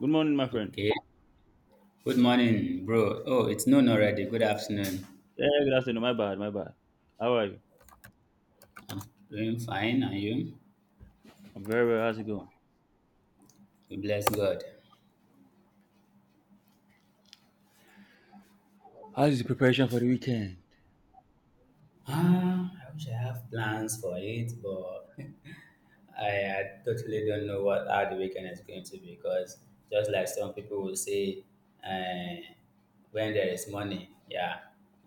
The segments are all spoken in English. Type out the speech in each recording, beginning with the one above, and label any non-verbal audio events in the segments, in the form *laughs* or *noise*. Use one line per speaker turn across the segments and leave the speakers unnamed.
Good morning, my friend.
Okay. Good morning, bro. Oh, it's noon already. Good afternoon.
Yeah, good afternoon. My bad, my bad. How are you?
I'm doing fine. And you?
I'm very well. How's it going?
We bless God.
How's the preparation for the weekend?
Ah, I wish I have plans for it, but *laughs* I totally don't know what how the weekend is going to be because just like some people will say, uh, when there is money, yeah,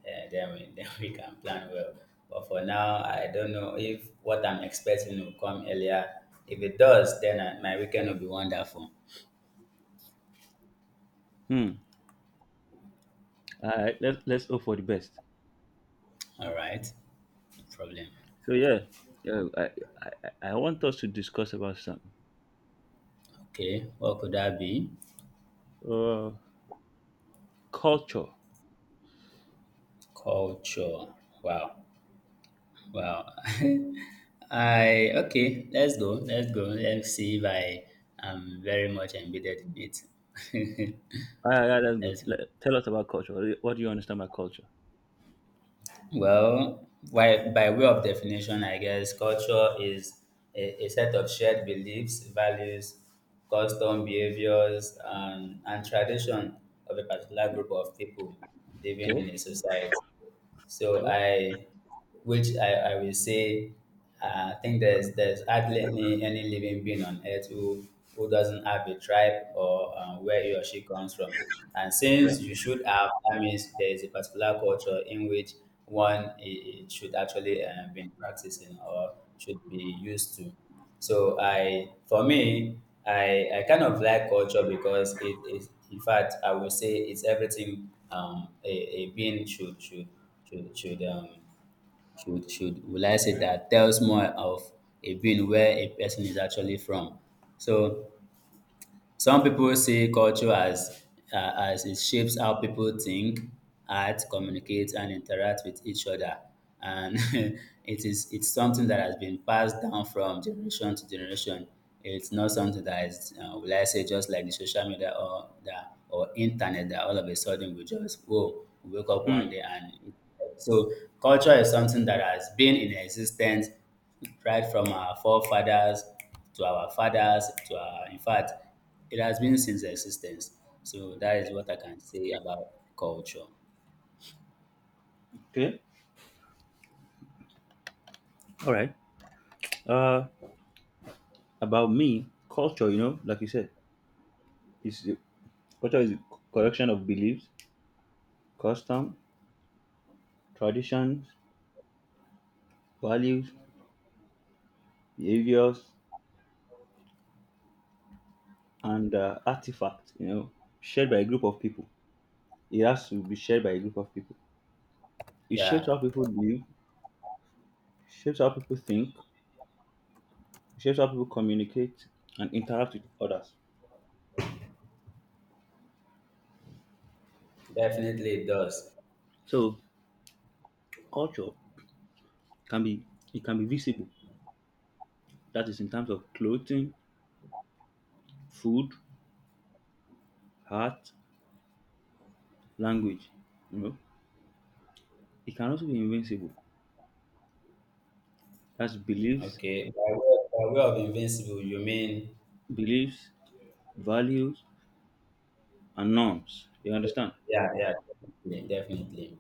then we *laughs* then we can plan well. But for now, I don't know if what I'm expecting will come earlier. If it does, my weekend will be wonderful.
Hmm. All right. Let's hope for the best.
All right. No problem.
So yeah, yeah. I want us to discuss about something.
Okay. What could that be?
Uh, Culture.
Culture. Wow. Wow. *laughs* I okay. Let's go. Let's go. Let's see if I am very much embedded in it. *laughs*
Ah, yeah, that's good.
Let's go.
Tell us about culture. What do you understand by culture?
Well, by way of definition, I guess culture is a set of shared beliefs, values, custom behaviors, and tradition of a particular group of people living
Okay.
in a society. So
Okay.
I, which I will say, I think there's hardly any living being on earth who doesn't have a tribe or where he or she comes from. And
Yeah.
since you should have, that means there is a particular culture in which it should actually be practicing or should be used to. For me, I kind of like culture because it is, in fact, I would say it's everything a being should will I say that tells more of a being where a person is actually from. So some people see culture as it shapes how people think, act, communicate, and interact with each other. And *laughs* it's something that has been passed down from generation to generation. It's not something that is, will I say, just like the social media or the or internet that all of a sudden we just whoa, we wake up
Hmm.
one day. So culture is something that has been in existence right from our forefathers to our fathers to our in fact it has been since existence. So that is what I can say about culture.
Okay. All right. Uh, about me, culture. You know, like you said, is the- culture is a collection of beliefs, custom, traditions values, behaviors, and artifacts, you know, shared by a group of people. It has to be shared by a group of people. It shapes
Yeah,
how people live, shapes how people think, shapes how people communicate and interact with others.
definitely it does.
So culture can be it can be visible. That is in terms of clothing, food, art, language. You know, it can also be invincible. That's beliefs,
Okay. By way of invincible, you mean?
beliefs, values, and norms. You understand?
Yeah, yeah, definitely, definitely.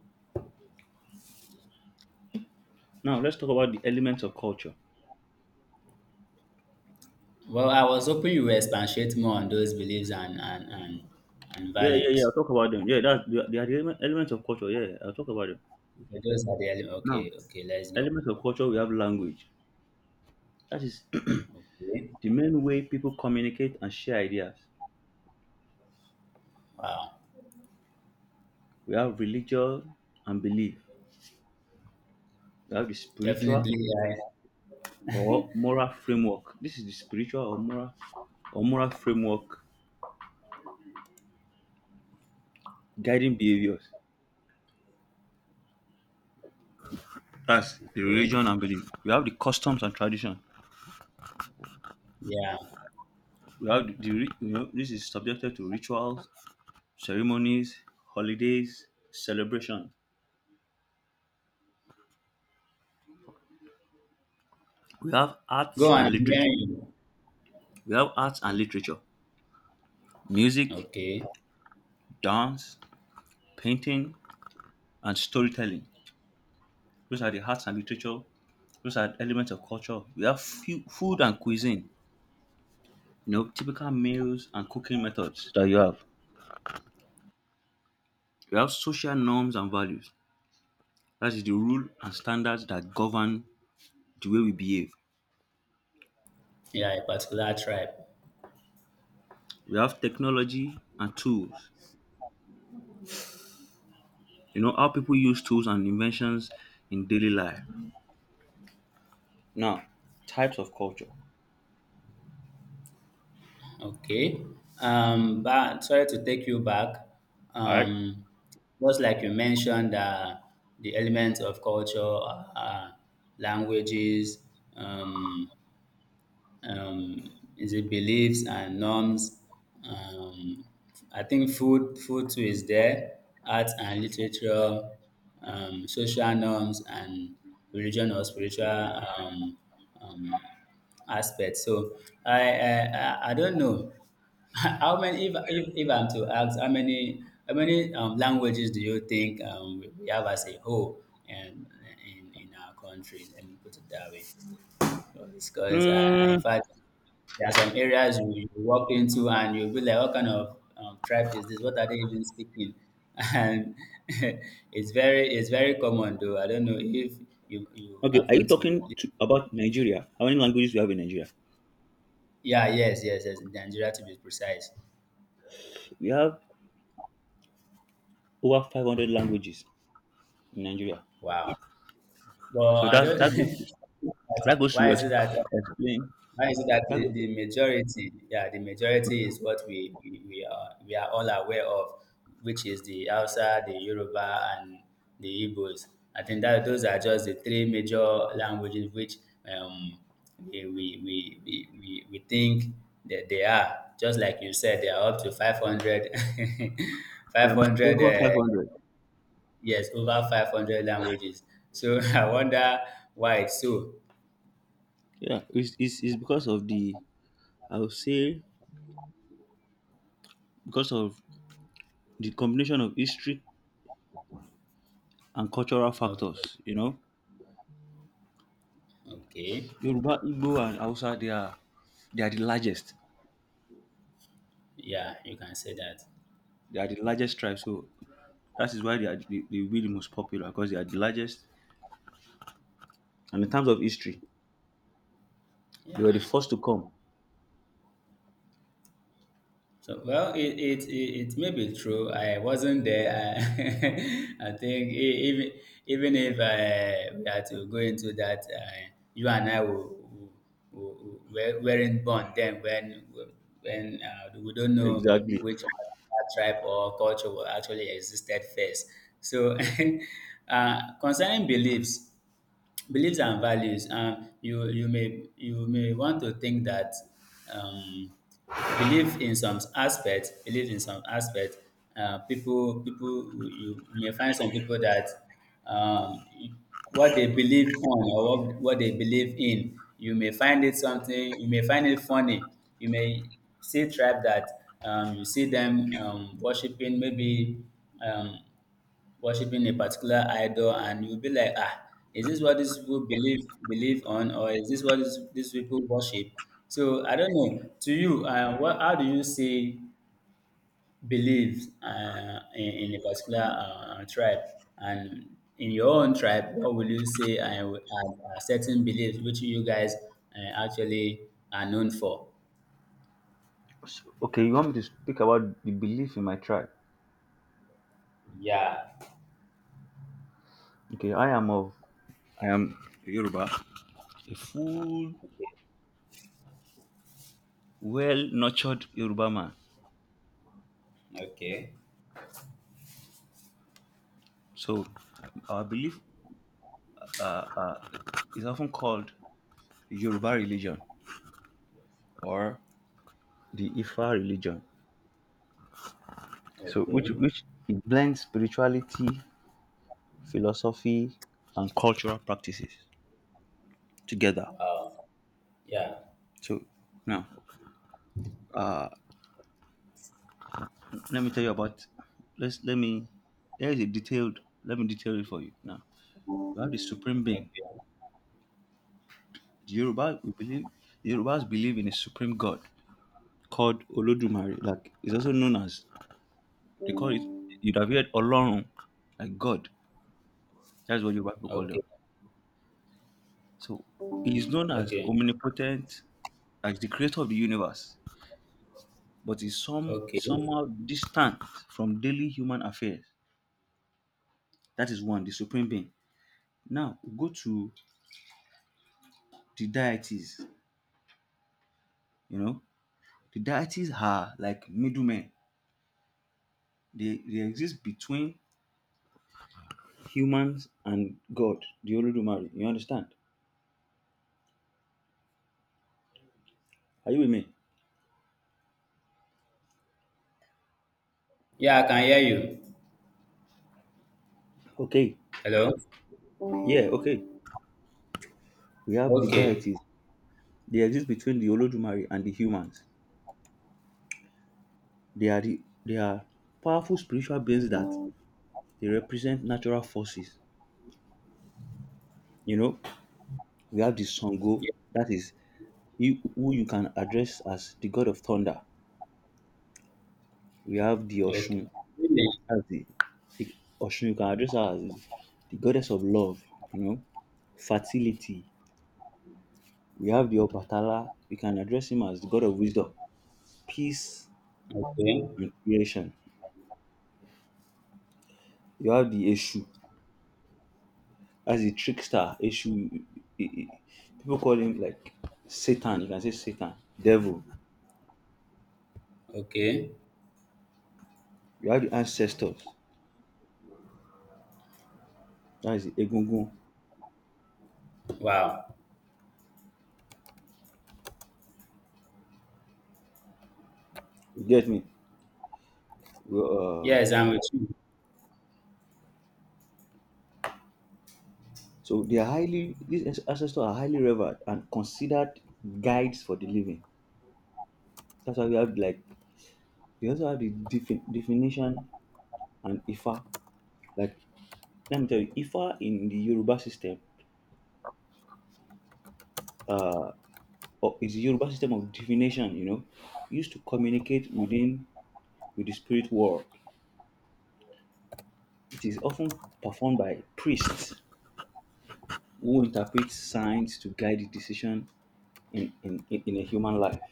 Now let's talk about the elements of culture.
Well, I was hoping you will expatiate more on those beliefs and
Yeah, yeah, yeah. I'll
values.
talk about them. Yeah, that's they are the elements of culture. Yeah, yeah, I'll talk about them.
Okay, those are
Now,
okay, okay, let's go.
elements of culture, we have language. That is
Okay.
*clears throat* the main way people communicate and share ideas.
Wow.
We have religion and belief. We have the spiritual
Definitely, yeah.
or moral framework. This is the spiritual or moral framework guiding behaviors. That's the
Okay.
religion and belief. We have the customs and tradition.
Yeah.
We have the you know this is subjected to rituals, ceremonies, holidays, celebration. We have
Go
arts
on,
and
I'm
literature.
hearing you.
We have arts and literature, music,
Okay.
dance, painting, and storytelling. Those are the arts and literature. Those are elements of culture. We have food and cuisine. You know, typical meals and cooking methods that you have. We have social norms and values. That is the rule and standards that govern the way we behave.
Yeah, a particular tribe.
We have technology and tools. You know how people use tools and inventions in daily life. Now, types of culture.
Okay. But sorry to take you back.
All right.
Um, just like you mentioned, the elements of culture, uh, languages, um, um, is it beliefs and norms. Um, I think food too is there, art and literature, social norms, and religion or spiritual um, aspects. So I don't know *laughs* how many, if I'm to ask, how many languages do you think we have as a whole and in our country? Let me put it that way. Because
Hmm.
in fact, there are some areas you walk into and you'll be like, what kind of tribe is this? What are they even speaking? *laughs* And *laughs* it's very common though. I don't know if you
Okay, are you
happen to
talking about Nigeria? How many languages we have in Nigeria?
yeah, yes, yes, yes, Nigeria, to be precise.
We have over 500 languages in Nigeria.
Wow. Well,
So
I
that
don't.
that
*laughs*
goes to
Why is
ex-
it that?
explain
Why is it that
that
the,
goes to,
the majority, yeah, the majority is what we are all aware of, which is the Hausa, the Yoruba, and the Igbos. I think that those are just the three major languages which um, we, we, we think that they are. Just like you said, they are up to 500, *laughs* five
there are
hundred
over
uh,
500.
yes, over 500 languages. So *laughs* I wonder why it's so.
Yeah, it's because of the I would say because of the combination of history and cultural
Okay.
factors. You know,
Okay.
Yoruba, Igbo, and Hausa they are the largest.
Yeah, you can say that.
They are the largest tribe, so that is why they will be the really most popular because they are the largest. And in terms of history, they were the
Yeah.
first to come.
So well, it may be true. I wasn't there. I, *laughs* I think, even if we had to go into that, you and I will. Were, weren't born then, when we don't know
Exactly.
which particular tribe or culture will actually existed first. So, *laughs* concerning beliefs, and values, you may want to think that, um believe in some aspect, people you may find some people that, um what they believe on, or what they believe in, you may find it funny. You may see tribe that, you see them, worshiping maybe um Worshipping a particular idol and you'll be like, "Ah, is this what these people believe on, or is this what these people worship?" So I don't know. To you, what how do you see beliefs in a particular tribe, and in your own tribe, what will you say, are certain beliefs which you guys actually are known for?
So, okay, you want me to speak about the belief in my tribe?
Yeah.
Okay, I am of I am Yoruba, a full, well-nurtured Yoruba man.
Okay.
So our belief uh, uh, is often called Yoruba religion or the Ifa religion. So which
Okay.
which it blends spirituality, philosophy, and cultural practices together.
Yeah.
So now, uh, Let me tell you about. Let's let me. There is a detailed. Let me detail it for you now. We have the supreme being.
Okay.
The Yoruba we believe. The Yorubas believe in a supreme god called Olodumare. Like it's also known as they call it. You'd have heard Olorun, like God. That's what Yoruba people call
Okay.
them. So he is known as
Okay.
omnipotent, as the creator of the universe, but is some
Okay.
is somehow distant from daily human affairs. That is one, the supreme being. Now go to the deities. You know, the deities are like middlemen. They exist between humans and God, the Olodumare. You understand? Are you with me?
Yeah, I can hear you.
Okay.
Hello?
Yeah, okay. We have the
Okay.
deities. They exist between the Olodumare and the humans. They are the, they are powerful spiritual beings that they represent natural forces. You know, we have the Songo,
Yeah.
that is you, who you can address as the god of thunder. We have the
Okay.
Oshun,
Really?
as the like Oshun, you can address her as the goddess of love, you know, fertility. We have the Obatala, we can address him as the god of wisdom, peace,
Okay.
and creation. You have the Eshu, as the trickster. Eshu, people call him like Satan, you can say Satan, devil.
Okay.
You have the ancestors, that is the Egungun.
Wow.
You get me? We, uh,
Yes, I'm with you.
so they are highly, these ancestors are highly revered and considered guides for the living. That's why we have like We also have the definition and Ifa. Like, let me tell you, Ifa in the Yoruba system, or is the Yoruba system of divination, you know, used to communicate with the spirit world. It is often performed by priests who interpret signs to guide the decision in a human life.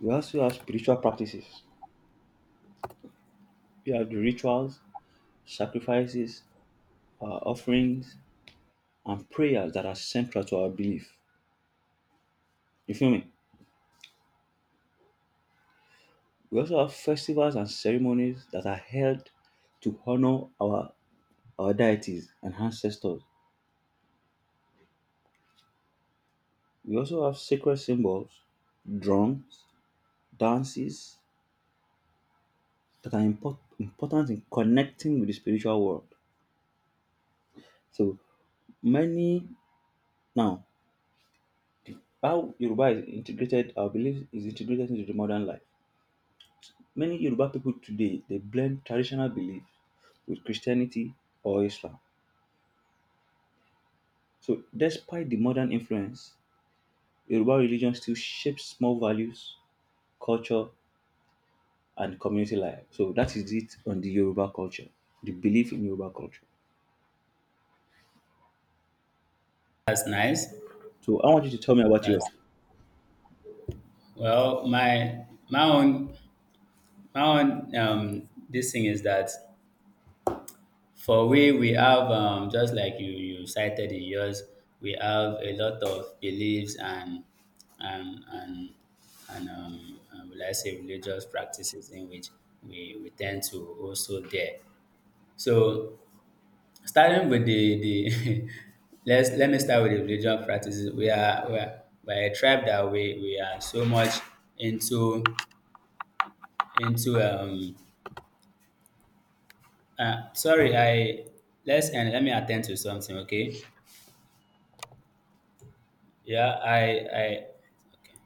We also have spiritual practices. We have the rituals, sacrifices, uh, offerings, and prayers that are central to our belief. You feel me? We also have festivals and ceremonies that are held to honor our deities and ancestors. We also have sacred symbols, drums, dances that are important in connecting with the spiritual world. So many now how Yoruba is integrated, our belief is integrated into the modern life. Many Yoruba people today they blend traditional belief with Christianity or Islam. So despite the modern influence, Yoruba religion still shapes small values, culture, and community life. So that is it on the Yoruba culture, the belief in Yoruba culture.
That's nice.
So I want you to tell me about
That's
yours.
well, my my own own this thing is that, for we have, just like you cited in yours, we have a lot of beliefs and and and will I say religious practices in which we tend to, also there. So, starting with the *laughs* let me start with the religious practices. We're a tribe that we are so much into into sorry, I let's and let me attend to something, okay? Yeah, I okay